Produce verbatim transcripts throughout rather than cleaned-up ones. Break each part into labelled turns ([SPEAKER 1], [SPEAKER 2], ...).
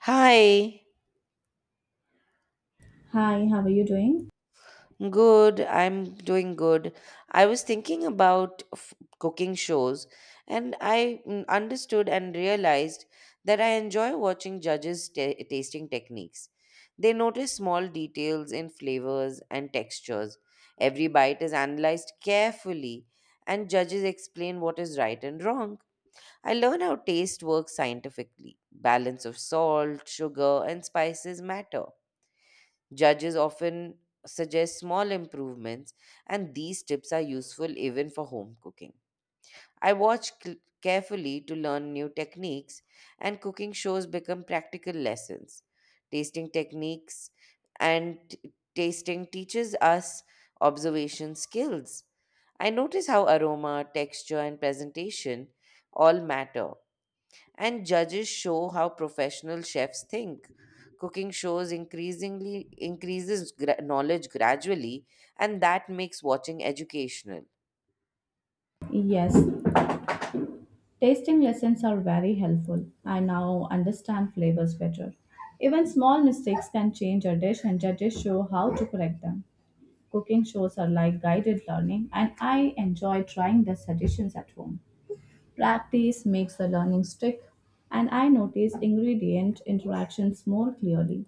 [SPEAKER 1] Hi,
[SPEAKER 2] Hi, how are you doing?
[SPEAKER 1] good. I'm doing good. I was thinking about f- cooking shows, and I mm, understood and realized that I enjoy watching judges ta tasting techniques. They notice small details in flavors and textures. Every bite is analyzed carefully, and judges explain what is right and wrong. I learn how taste works scientifically. Balance of salt, sugar, and spices matter. Judges often suggest small improvements, and these tips are useful even for home cooking. I watch cl- carefully to learn new techniques, and cooking shows become practical lessons. Tasting techniques and t- tasting teaches us observation skills. I notice how aroma, texture, and presentation all matter, and judges show how professional chefs think. Cooking shows increasingly increases gra- knowledge gradually, and that makes watching educational.
[SPEAKER 2] Yes, tasting lessons are very helpful. I now understand flavors better. Even small mistakes can change a dish, and judges show how to correct them. Cooking shows are like guided learning, and I enjoy trying the suggestions at home. Practice makes the learning stick, and I notice ingredient interactions more clearly.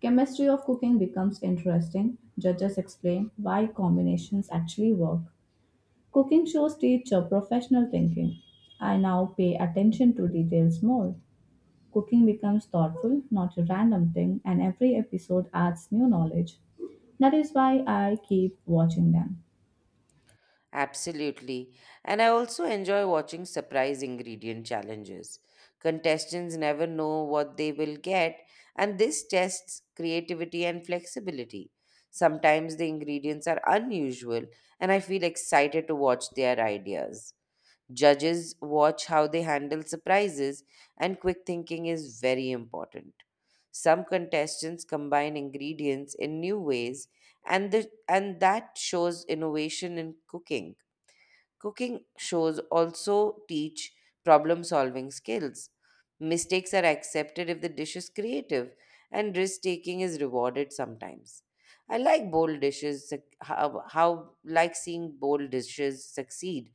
[SPEAKER 2] Chemistry of cooking becomes interesting. Judges explain why combinations actually work. Cooking shows teach uh, professional thinking. I now pay attention to details more. Cooking becomes thoughtful, not a random thing, and every episode adds new knowledge. That is why I keep watching them.
[SPEAKER 1] Absolutely. And I also enjoy watching surprise ingredient challenges. Contestants never know what they will get, and this tests creativity and flexibility. Sometimes the ingredients are unusual, and I feel excited to watch their ideas. Judges watch how they handle surprises, and quick thinking is very important. Some contestants combine ingredients in new ways, and, the, and that shows innovation in cooking. Cooking shows also teach problem solving skills. Mistakes are accepted if the dish is creative, and risk taking is rewarded sometimes. I like bold dishes, suc- how, how like seeing bold dishes succeed,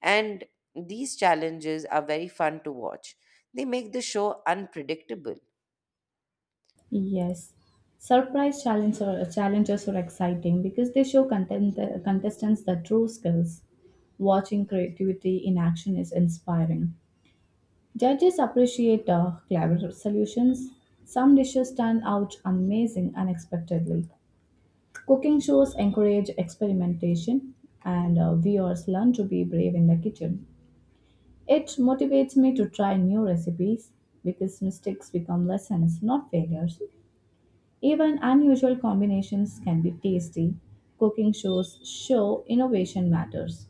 [SPEAKER 1] and these challenges are very fun to watch. They make the show unpredictable.
[SPEAKER 2] Yes. Surprise challenges are, challenges are exciting because they show content, contestants the true skills. Watching creativity in action is inspiring. Judges appreciate uh, clever solutions. Some dishes turn out amazing unexpectedly. Cooking shows encourage experimentation, and uh, viewers learn to be brave in the kitchen. It motivates me to try new recipes because mistakes become lessons, not failures. Even unusual combinations can be tasty. Cooking shows show innovation matters.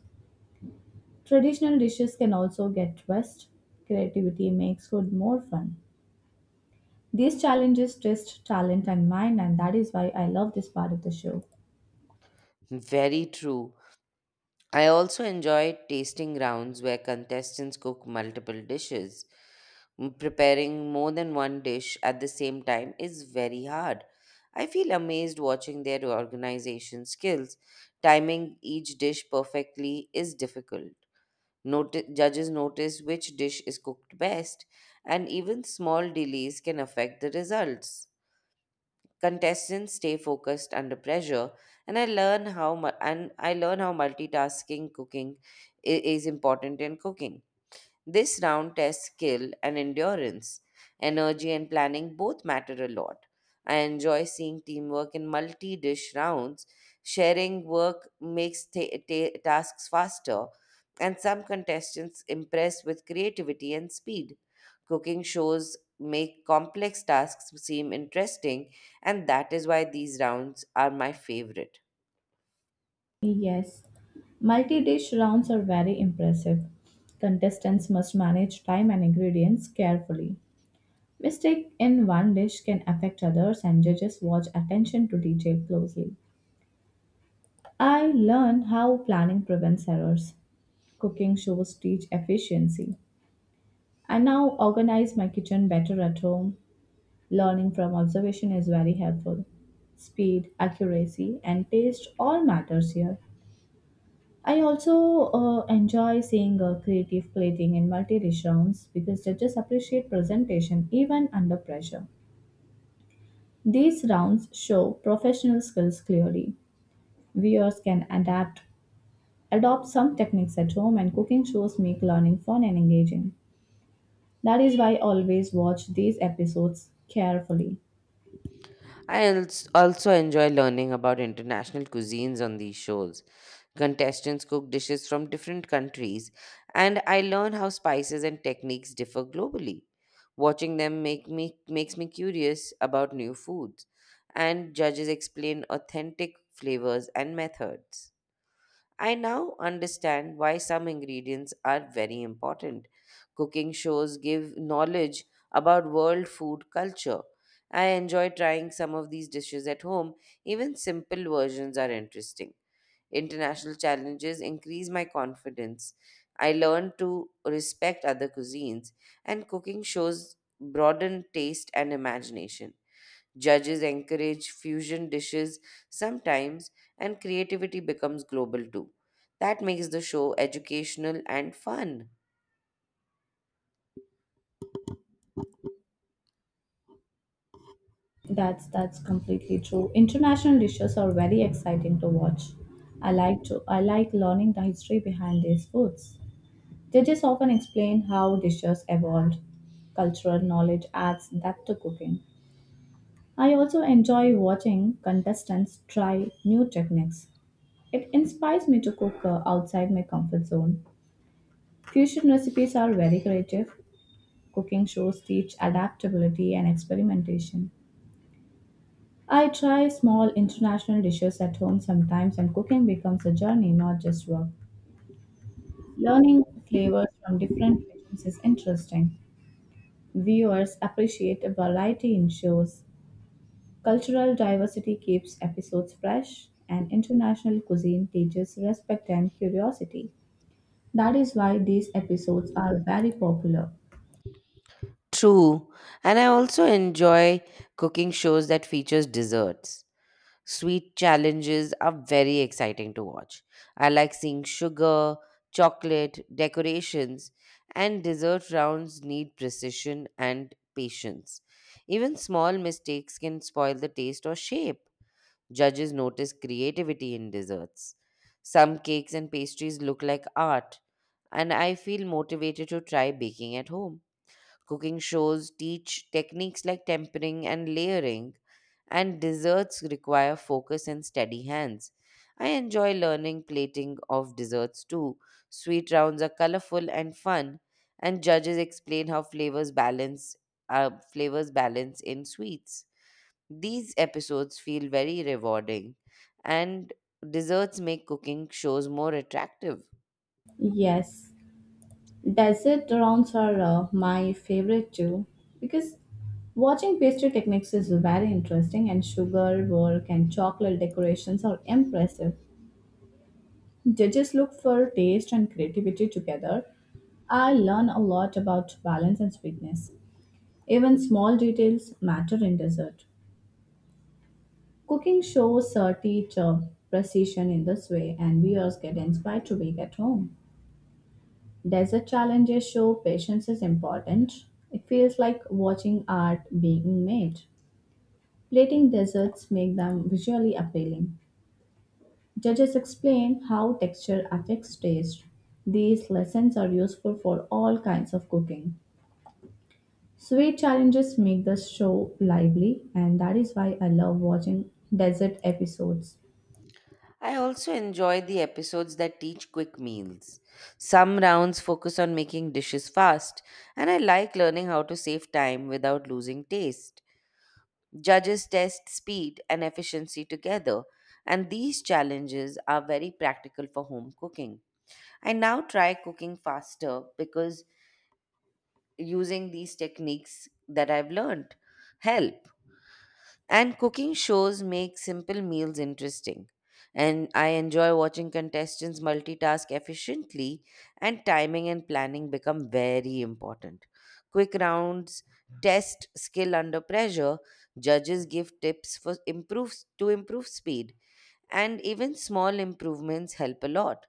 [SPEAKER 2] Traditional dishes can also get twists. Creativity makes food more fun. These challenges test talent and mind, and that is why I love this part of the show.
[SPEAKER 1] Very true. I also enjoy tasting rounds where contestants cook multiple dishes. Mm, Preparing more than one dish at the same time is very hard. I feel amazed watching their organization skills. Timing each dish perfectly is difficult. Noti- judges notice which dish is cooked best, and even small delays can affect the results. Contestants stay focused under pressure, and I learn how mu- and I learn how multitasking cooking i- is important in cooking. This round tests skill and endurance. Energy and planning both matter a lot. I enjoy seeing teamwork in multi dish rounds. Sharing work makes ta- ta- tasks faster, and some contestants impress with creativity and speed. Cooking shows make complex tasks seem interesting, and that is why these rounds are my favorite.
[SPEAKER 2] Yes, multi dish rounds are very impressive. Contestants must manage time and ingredients carefully. Mistake in one dish can affect others, and judges watch attention to detail closely. I learn how planning prevents errors. Cooking shows teach efficiency. I now organize my kitchen better at home. Learning from observation is very helpful. Speed, accuracy, and taste all matters here. I also uh, enjoy seeing uh, creative plating in multi-dish rounds because judges appreciate presentation even under pressure. These rounds show professional skills clearly. Viewers can adapt, Adopt some techniques at home, and cooking shows make learning fun and engaging. That is why I always watch these episodes carefully.
[SPEAKER 1] I als- also enjoy learning about international cuisines on these shows. Contestants cook dishes from different countries, and I learn how spices and techniques differ globally. Watching them make me makes me curious about new foods, and judges explain authentic flavors and methods. I now understand why some ingredients are very important. Cooking shows give knowledge about world food culture. I enjoy trying some of these dishes at home. Even simple versions are interesting. International challenges increase my confidence. I learn to respect other cuisines, and cooking shows broaden taste and imagination. Judges encourage fusion dishes sometimes, and creativity becomes global too. That makes the show educational and fun.
[SPEAKER 2] That's that's completely true. International dishes are very exciting to watch. I like to I like learning the history behind these foods. Judges often explain how dishes evolved. Cultural knowledge adds depth to cooking. I also enjoy watching contestants try new techniques. It inspires me to cook uh, outside my comfort zone. Fusion recipes are very creative. Cooking shows teach adaptability and experimentation. I try small international dishes at home sometimes, and cooking becomes a journey, not just work. Learning flavors from different regions is interesting. Viewers appreciate a variety in shows. Cultural diversity keeps episodes fresh, and international cuisine teaches respect and curiosity. That is why these episodes are very popular.
[SPEAKER 1] True. And I also enjoy cooking shows that features desserts. Sweet challenges are very exciting to watch. I like seeing sugar, chocolate, decorations, and dessert rounds need precision and patience. Even small mistakes can spoil the taste or shape. Judges notice creativity in desserts. Some cakes and pastries look like art, and I feel motivated to try baking at home. Cooking shows teach techniques like tempering and layering, and desserts require focus and steady hands. I enjoy learning plating of desserts too. Sweet rounds are colorful and fun, and judges explain how flavors balance uh, flavors balance in sweets. These episodes feel very rewarding, and desserts make cooking shows more attractive.
[SPEAKER 2] Yes, desert rounds are uh, my favorite too because watching pastry techniques is very interesting, and sugar work and chocolate decorations are impressive. Judges look for taste and creativity together. I learn a lot about balance and sweetness. Even small details matter in dessert. Cooking shows uh, teach uh, precision in this way, and viewers get inspired to bake at home. Dessert challenges show patience is important. It feels like watching art being made. Plating desserts make them visually appealing. Judges explain how texture affects taste. These lessons are useful for all kinds of cooking. Sweet challenges make the show lively, and that is why I love watching desert episodes.
[SPEAKER 1] I also enjoy the episodes that teach quick meals. Some rounds focus on making dishes fast, and I like learning how to save time without losing taste. Judges test speed and efficiency together, and these challenges are very practical for home cooking. I now try cooking faster because using these techniques that I've learned help. And cooking shows make simple meals interesting. And I enjoy watching contestants multitask efficiently, and timing and planning become very important. Quick rounds test skill under pressure, judges give tips for improve to improve speed, and even small improvements help a lot.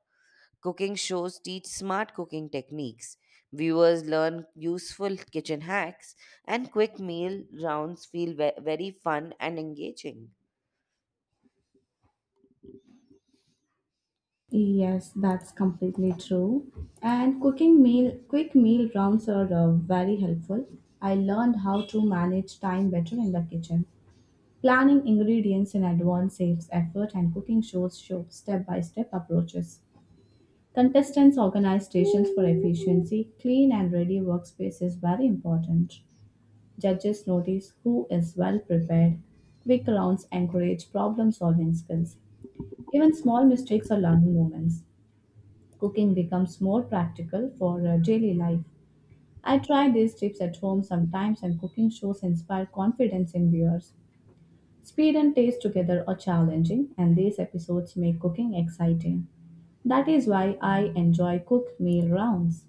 [SPEAKER 1] Cooking shows teach smart cooking techniques. Viewers learn useful kitchen hacks, and quick meal rounds feel ve- very fun and engaging.
[SPEAKER 2] Yes, that's completely true. And cooking meal, quick meal rounds are uh, very helpful. I learned how to manage time better in the kitchen. Planning ingredients in advance saves effort, and cooking shows show step by step approaches. Contestants organize stations for efficiency. Clean and ready workspace is very important. Judges notice who is well prepared. Quick rounds encourage problem solving skills. Even small mistakes are learning moments. Cooking becomes more practical for uh, daily life. I try these tips at home sometimes, and cooking shows inspire confidence in viewers. Speed and taste together are challenging, and these episodes make cooking exciting. That is why I enjoy cook meal rounds.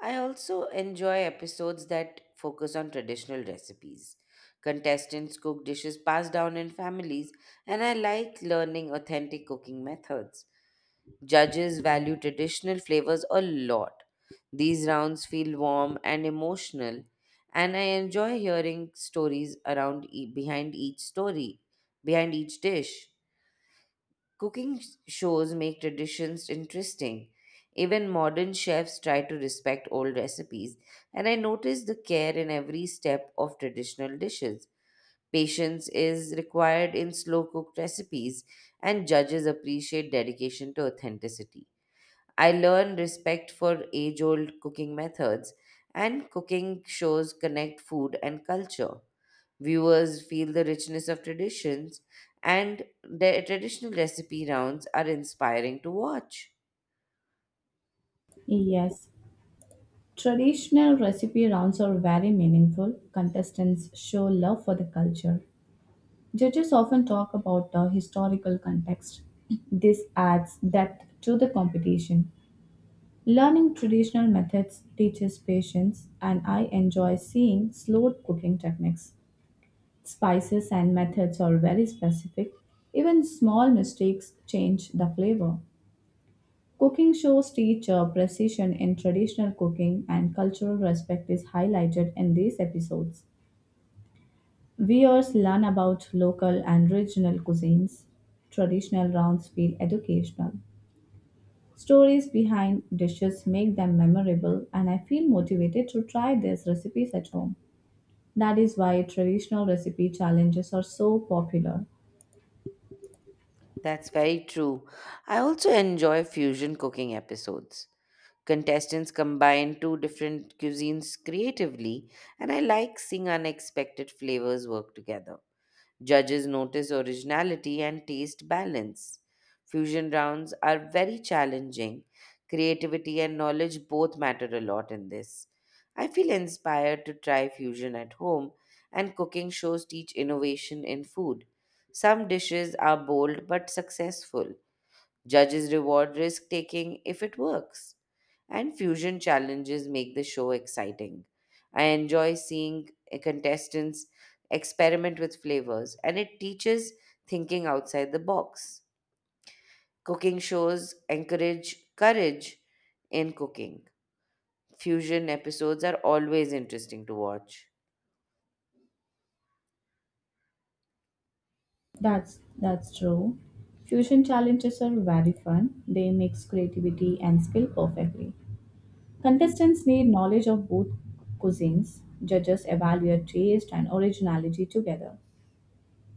[SPEAKER 1] I also enjoy episodes that focus on traditional recipes. Contestants cook dishes passed down in families, and I like learning authentic cooking methods. Judges value traditional flavors a lot. These rounds feel warm and emotional, and I enjoy hearing stories around e- behind each story, behind each dish. Cooking s- shows make traditions interesting. Even modern chefs try to respect old recipes, and I notice the care in every step of traditional dishes. Patience is required in slow cooked recipes, and judges appreciate dedication to authenticity. I learn respect for age old cooking methods, and cooking shows connect food and culture. Viewers feel the richness of traditions, and the traditional recipe rounds are inspiring to watch.
[SPEAKER 2] Yes, traditional recipe rounds are very meaningful. Contestants show love for the culture. Judges often talk about the historical context. This adds depth to the competition. Learning traditional methods teaches patience, and I enjoy seeing slow cooking techniques. Spices and methods are very specific. Even small mistakes change the flavor. Cooking shows teach uh, precision in traditional cooking, and cultural respect is highlighted in these episodes. Viewers learn about local and regional cuisines. Traditional rounds feel educational. Stories behind dishes make them memorable, and I feel motivated to try these recipes at home. That is why traditional recipe challenges are so popular.
[SPEAKER 1] That's very true. I also enjoy fusion cooking episodes. Contestants combine two different cuisines creatively, and I like seeing unexpected flavors work together. Judges notice originality and taste balance. Fusion rounds are very challenging. Creativity and knowledge both matter a lot in this. I feel inspired to try fusion at home, and cooking shows teach innovation in food. Some dishes are bold but successful. Judges reward risk taking if it works. And fusion challenges make the show exciting. I enjoy seeing eh, contestants experiment with flavors, and it teaches thinking outside the box. Cooking shows encourage courage in cooking. Fusion episodes are always interesting to watch.
[SPEAKER 2] That's that's true. Fusion challenges are very fun. They mix creativity and skill perfectly. Contestants need knowledge of both cuisines. Judges evaluate taste and originality together.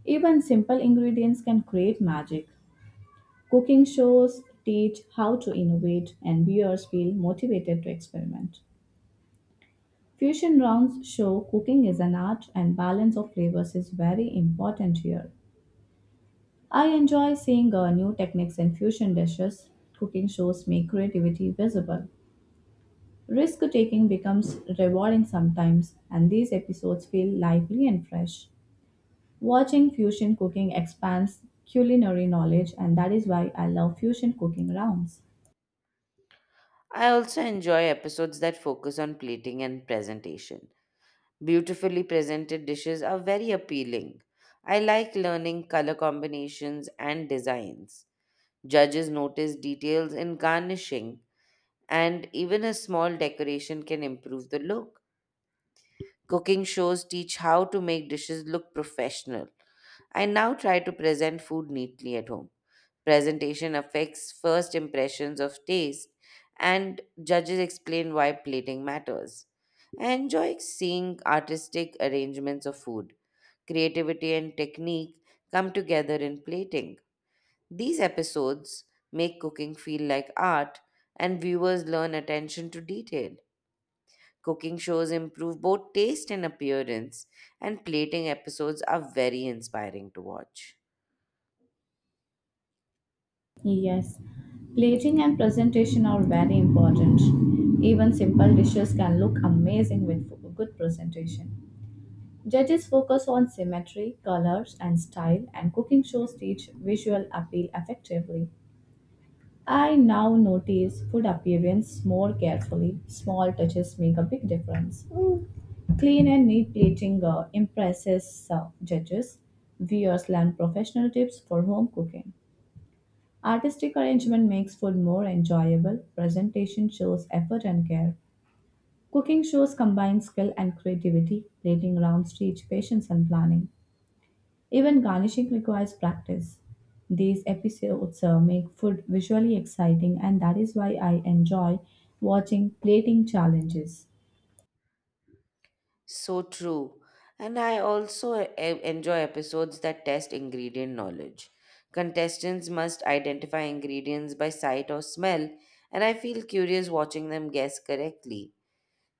[SPEAKER 2] Even simple ingredients can create magic. Cooking shows teach how to innovate, and viewers feel motivated to experiment. Fusion rounds show cooking is an art and balance of flavors is very important here. I enjoy seeing uh, new techniques in fusion dishes. Cooking shows make creativity visible. Risk taking becomes rewarding sometimes, and these episodes feel lively and fresh. Watching fusion cooking expands culinary knowledge, and that is why I love fusion cooking rounds.
[SPEAKER 1] I also enjoy episodes that focus on plating and presentation. Beautifully presented dishes are very appealing. I like learning color combinations and designs. Judges notice details in garnishing, and even a small decoration can improve the look. Cooking shows teach how to make dishes look professional. I now try to present food neatly at home. Presentation affects first impressions of taste, and judges explain why plating matters. I enjoy seeing artistic arrangements of food. Creativity and technique come together in plating. These episodes make cooking feel like art, and viewers learn attention to detail. Cooking shows improve both taste and appearance, and plating episodes are very inspiring to watch.
[SPEAKER 2] Yes, plating and presentation are very important. Even simple dishes can look amazing with fo- good presentation. Judges focus on symmetry, colors, and style, and cooking shows teach visual appeal effectively. I now notice food appearance more carefully. Small touches make a big difference. Clean and neat plating uh, impresses uh, judges. Viewers learn professional tips for home cooking. Artistic arrangement makes food more enjoyable. Presentation shows effort and care. Cooking shows combined skill and creativity. Plating rounds teach patience and planning. Even garnishing requires practice. These episodes uh, make food visually exciting, and that is why I enjoy watching plating challenges.
[SPEAKER 1] So true. And I also e- e-, enjoy episodes that test ingredient knowledge. Contestants must identify ingredients by sight or smell, and I feel curious watching them guess correctly.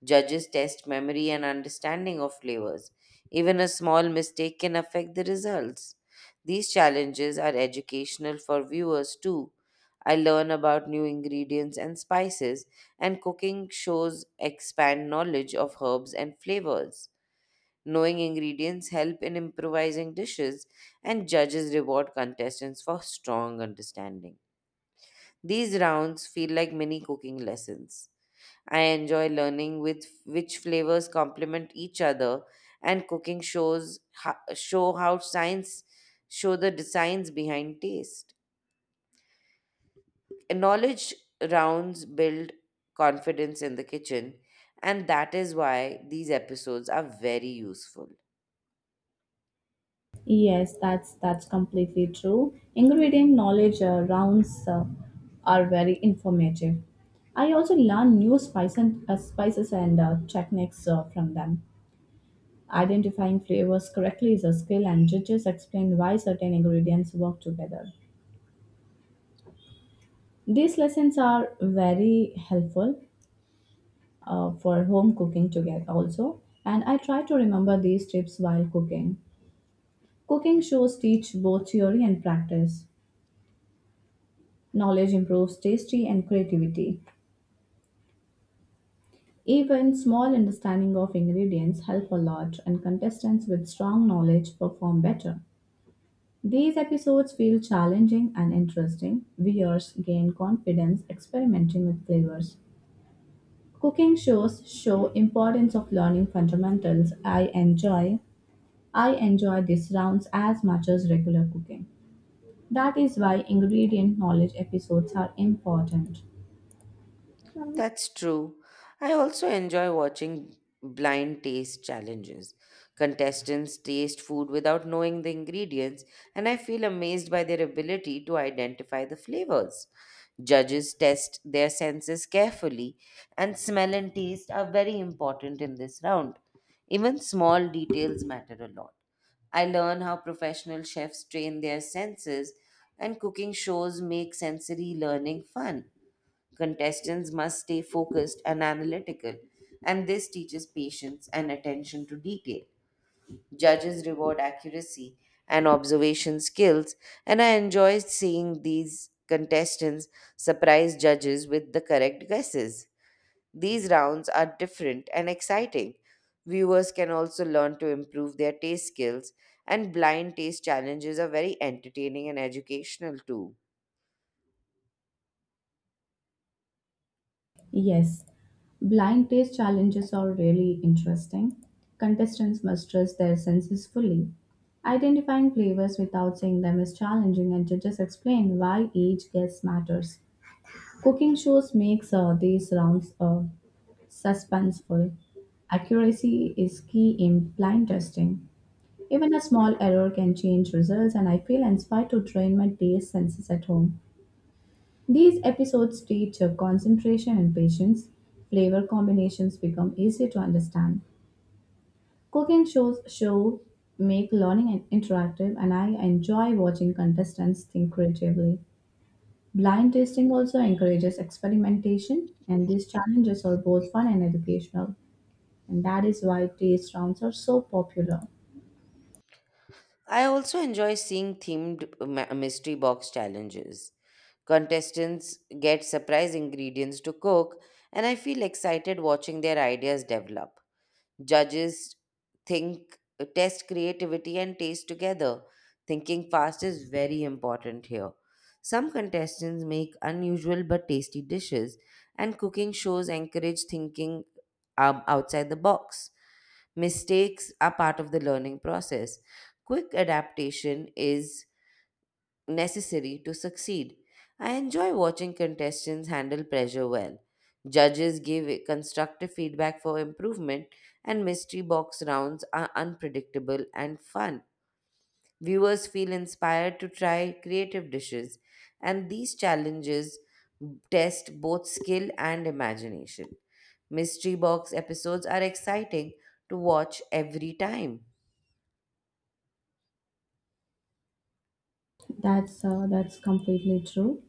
[SPEAKER 1] Judges test memory and understanding of flavors. Even a small mistake can affect the results. These challenges are educational for viewers too. I learn about new ingredients and spices, and cooking shows expand knowledge of herbs and flavors. Knowing ingredients help in improvising dishes, and judges reward contestants for strong understanding. These rounds feel like mini cooking lessons. I enjoy learning with which flavors complement each other, and cooking shows ho- show how science show the science behind taste. Knowledge rounds build confidence in the kitchen, and that is why these episodes are very useful.
[SPEAKER 2] Yes, that's that's completely true. Ingredient knowledge uh, rounds uh, are very informative. I also learn new spice and, uh, spices and uh, techniques uh, from them. Identifying flavors correctly is a skill, and judges explain why certain ingredients work together. These lessons are very helpful uh, for home cooking together also, and I try to remember these tips while cooking. Cooking shows teach both theory and practice. Knowledge improves tasty and creativity. Even small understanding of ingredients help a lot, and contestants with strong knowledge perform better. These episodes feel challenging and interesting. Viewers gain confidence experimenting with flavors. Cooking shows show importance of learning fundamentals. i enjoy I enjoy these rounds as much as regular cooking. That is why ingredient knowledge episodes are important.
[SPEAKER 1] That's true. I also enjoy watching blind taste challenges. Contestants taste food without knowing the ingredients, and I feel amazed by their ability to identify the flavors. Judges test their senses carefully, and smell and taste are very important in this round. Even small details matter a lot. I learn how professional chefs train their senses, and cooking shows make sensory learning fun. Contestants must stay focused and analytical, and this teaches patience and attention to detail. Judges reward accuracy and observation skills, and I enjoy seeing these contestants surprise judges with the correct guesses. These rounds are different and exciting. Viewers can also learn to improve their taste skills, and blind taste challenges are very entertaining and educational too.
[SPEAKER 2] Yes, blind taste challenges are really interesting. Contestants must trust their senses fully. Identifying flavors without seeing them is challenging, and judges explain why each guess matters. Cooking shows makes uh, these rounds uh, suspenseful. Accuracy is key in blind testing. Even a small error can change results, and I feel inspired to train my taste senses at home. These episodes teach uh, concentration and patience. Flavor combinations become easy to understand. Cooking shows show make learning an- interactive, and I enjoy watching contestants think creatively. Blind tasting also encourages experimentation, and these challenges are both fun and educational. And that is why taste rounds are so popular.
[SPEAKER 1] I also enjoy seeing themed ma- mystery box challenges. Contestants get surprise ingredients to cook, and I feel excited watching their ideas develop. Judges think test creativity and taste together. Thinking fast is very important here. Some contestants make unusual but tasty dishes, and cooking shows encourage thinking um, outside the box. Mistakes are part of the learning process. Quick adaptation is necessary to succeed. I enjoy watching contestants handle pressure well. Judges give constructive feedback for improvement, and mystery box rounds are unpredictable and fun. Viewers feel inspired to try creative dishes, and these challenges test both skill and imagination. Mystery box episodes are exciting to watch every time.
[SPEAKER 2] That's uh, that's completely true.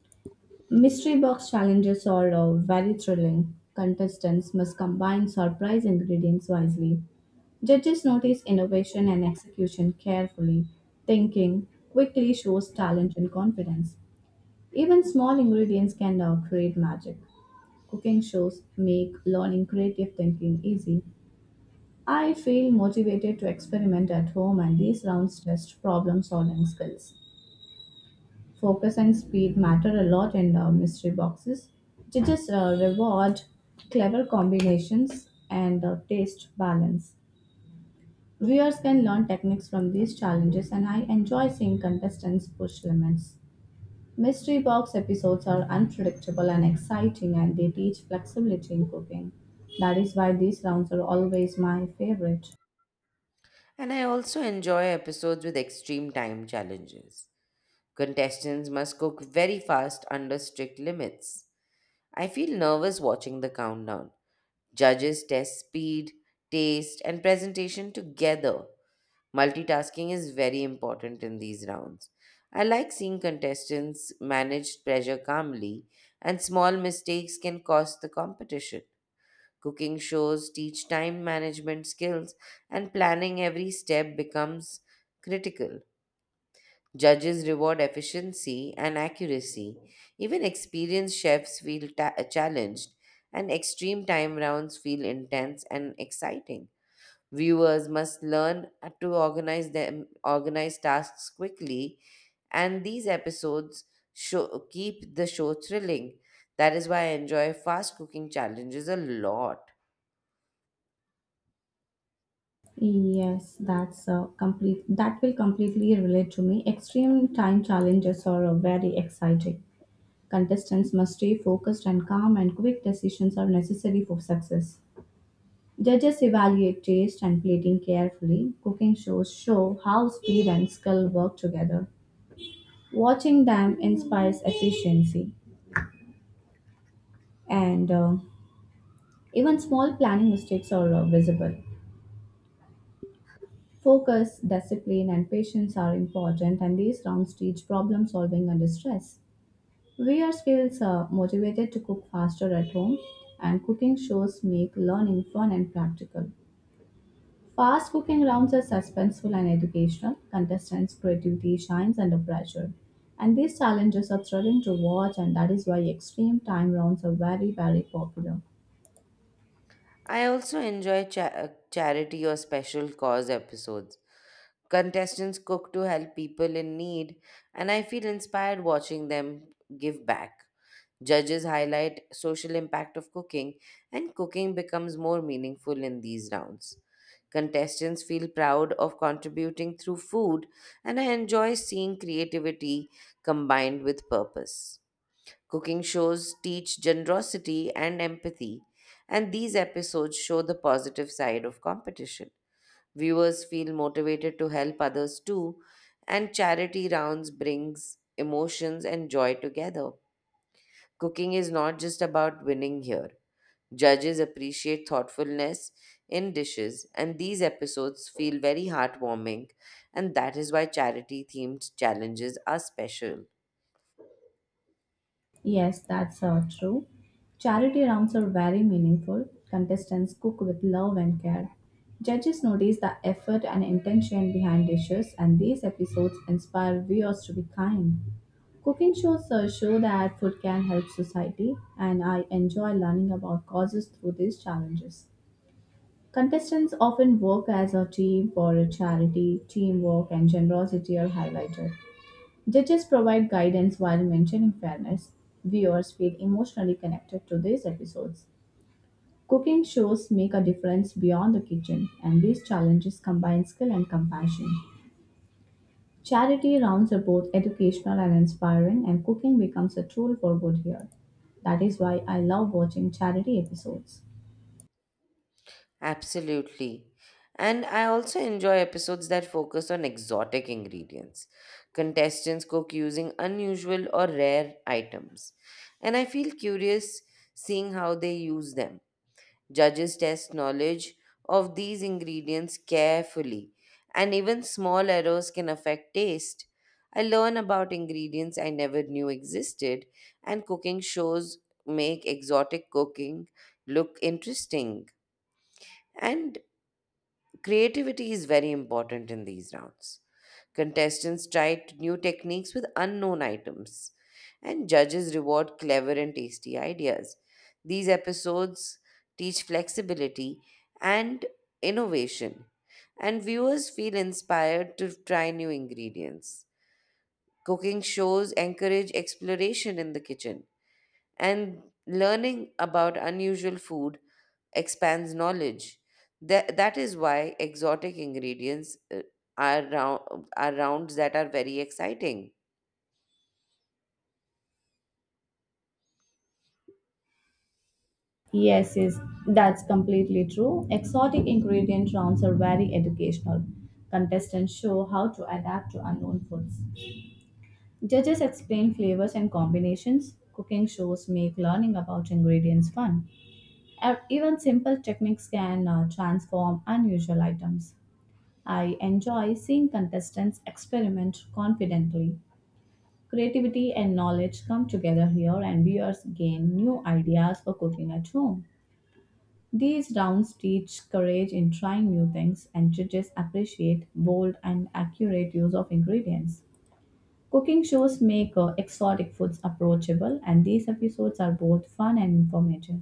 [SPEAKER 2] Mystery box challenges are uh, very thrilling. Contestants must combine surprise ingredients wisely. Judges notice innovation and execution carefully. Thinking quickly shows talent and confidence. Even small ingredients can now create magic. Cooking shows make learning creative thinking easy. I feel motivated to experiment at home, and these rounds test problem solving skills. Focus and speed matter a lot in uh, mystery boxes. Judges uh, reward clever combinations and uh, taste balance. Viewers can learn techniques from these challenges, and I enjoy seeing contestants push limits. Mystery box episodes are unpredictable and exciting, and they teach flexibility in cooking. That is why these rounds are always my favorite.
[SPEAKER 1] And I also enjoy episodes with extreme time challenges. Contestants must cook very fast under strict limits. I feel nervous watching the countdown. Judges test speed, taste, and presentation together. Multitasking is very important in these rounds. I like seeing contestants manage pressure calmly, and small mistakes can cost the competition. Cooking shows teach time management skills, and planning every step becomes critical. Judges reward efficiency and accuracy. Even experienced chefs feel ta- challenged, and extreme time rounds feel intense and exciting. Viewers must learn to organize them, organize tasks quickly, and these episodes show, keep the show thrilling. That is why I enjoy fast cooking challenges a lot.
[SPEAKER 2] Yes, that's uh, complete. That will completely relate to me. Extreme time challenges are uh, very exciting. Contestants must stay focused and calm, and quick decisions are necessary for success. Judges evaluate taste and plating carefully. Cooking shows show how speed and skill work together. Watching them inspires efficiency, and uh, even small planning mistakes are uh, visible. Focus, discipline, and patience are important, and these rounds teach problem solving under stress. Viewers feels uh, motivated to cook faster at home, and cooking shows make learning fun and practical. Fast cooking rounds are suspenseful and educational. Contestants' creativity shines under pressure. And these challenges are thrilling to watch, and that is why extreme time rounds are very, very popular.
[SPEAKER 1] I also enjoy cha- uh, charity or special cause episodes. Contestants cook to help people in need, and I feel inspired watching them give back. Judges highlight social impact of cooking, and cooking becomes more meaningful in these rounds. Contestants feel proud of contributing through food, and I enjoy seeing creativity combined with purpose. Cooking shows teach generosity and empathy, and these episodes show the positive side of competition. Viewers feel motivated to help others too, and charity rounds brings emotions and joy together. Cooking is not just about winning here. Judges appreciate thoughtfulness in dishes, and these episodes feel very heartwarming, and that is why charity themed challenges are special.
[SPEAKER 2] Yes, that's uh, true. Charity rounds are very meaningful. Contestants cook with love and care. Judges notice the effort and intention behind dishes, and these episodes inspire viewers to be kind. Cooking shows uh, show that food can help society, and I enjoy learning about causes through these challenges. Contestants often work as a team for a charity, teamwork, and generosity are highlighted. Judges provide guidance while mentioning fairness. Viewers feel emotionally connected to these episodes. Cooking shows make a difference beyond the kitchen, and these challenges combine skill and compassion. Charity rounds are both educational and inspiring, and cooking becomes a tool for good here. That is why I love watching charity episodes.
[SPEAKER 1] Absolutely. And I also enjoy episodes that focus on exotic ingredients. Contestants cook using unusual or rare items. And I feel curious seeing how they use them. Judges test knowledge of these ingredients carefully, and even small errors can affect taste. I learn about ingredients I never knew existed, and cooking shows make exotic cooking look interesting. And creativity is very important in these rounds. Contestants tried new techniques with unknown items, and judges reward clever and tasty ideas. These episodes teach flexibility and innovation, and viewers feel inspired to try new ingredients. Cooking shows encourage exploration in the kitchen, and learning about unusual food expands knowledge. That, that is why exotic ingredients uh, are, round, are rounds that are very exciting.
[SPEAKER 2] Yes, yes, that's completely true. Exotic ingredient rounds are very educational. Contestants show how to adapt to unknown foods. Judges explain flavors and combinations. Cooking shows make learning about ingredients fun. Uh, Even simple techniques can uh, transform unusual items. I enjoy seeing contestants experiment confidently. Creativity and knowledge come together here, and viewers gain new ideas for cooking at home. These rounds teach courage in trying new things, and judges appreciate bold and accurate use of ingredients. Cooking shows make uh, exotic foods approachable, and these episodes are both fun and informative.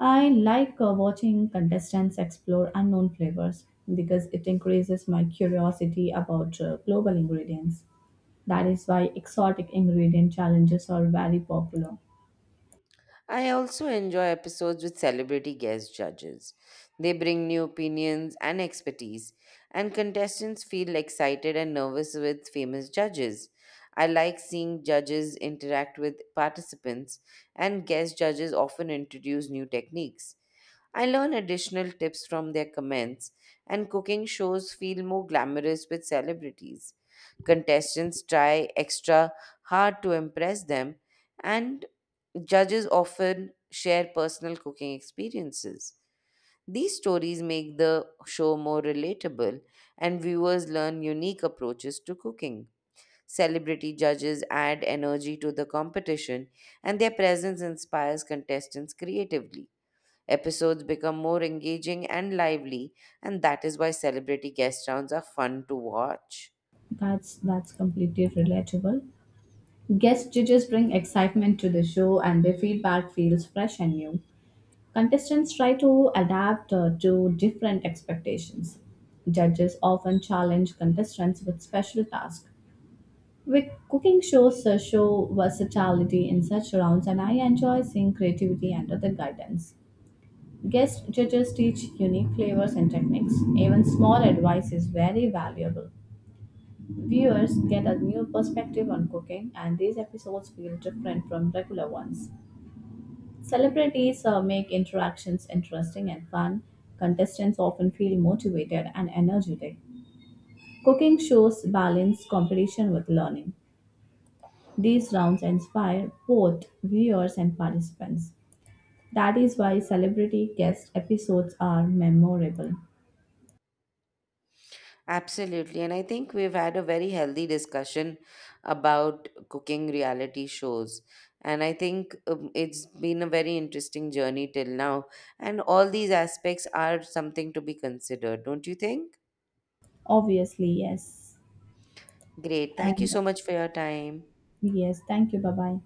[SPEAKER 2] I like uh, watching contestants explore unknown flavors because it increases my curiosity about uh, global ingredients. That is why exotic ingredient challenges are very popular.
[SPEAKER 1] I also enjoy episodes with celebrity guest judges. They bring new opinions and expertise, and contestants feel excited and nervous with famous judges. I like seeing judges interact with participants, and guest judges often introduce new techniques. I learn additional tips from their comments, and cooking shows feel more glamorous with celebrities. Contestants try extra hard to impress them, and judges often share personal cooking experiences. These stories make the show more relatable, and viewers learn unique approaches to cooking. Celebrity judges add energy to the competition, and their presence inspires contestants creatively. Episodes become more engaging and lively, and that is why celebrity guest rounds are fun to watch.
[SPEAKER 2] That's that's completely relatable. Guest judges bring excitement to the show, and their feedback feels fresh and new. Contestants try to adapt uh, to different expectations. Judges often challenge contestants with special tasks. With cooking shows uh, show versatility in such rounds, and I enjoy seeing creativity under the guidance. Guest judges teach unique flavors and techniques. Even small advice is very valuable. Viewers get a new perspective on cooking, and these episodes feel different from regular ones. Celebrities uh, make interactions interesting and fun. Contestants often feel motivated and energetic. Cooking shows balance competition with learning. These rounds inspire both viewers and participants. That is why celebrity guest episodes are memorable.
[SPEAKER 1] Absolutely. And I think we've had a very healthy discussion about cooking reality shows. And I think um, it's been a very interesting journey till now. And all these aspects are something to be considered, don't you think?
[SPEAKER 2] Obviously, yes.
[SPEAKER 1] Great. Thank you
[SPEAKER 2] And
[SPEAKER 1] so much for your time.
[SPEAKER 2] yes, thank you. Bye bye.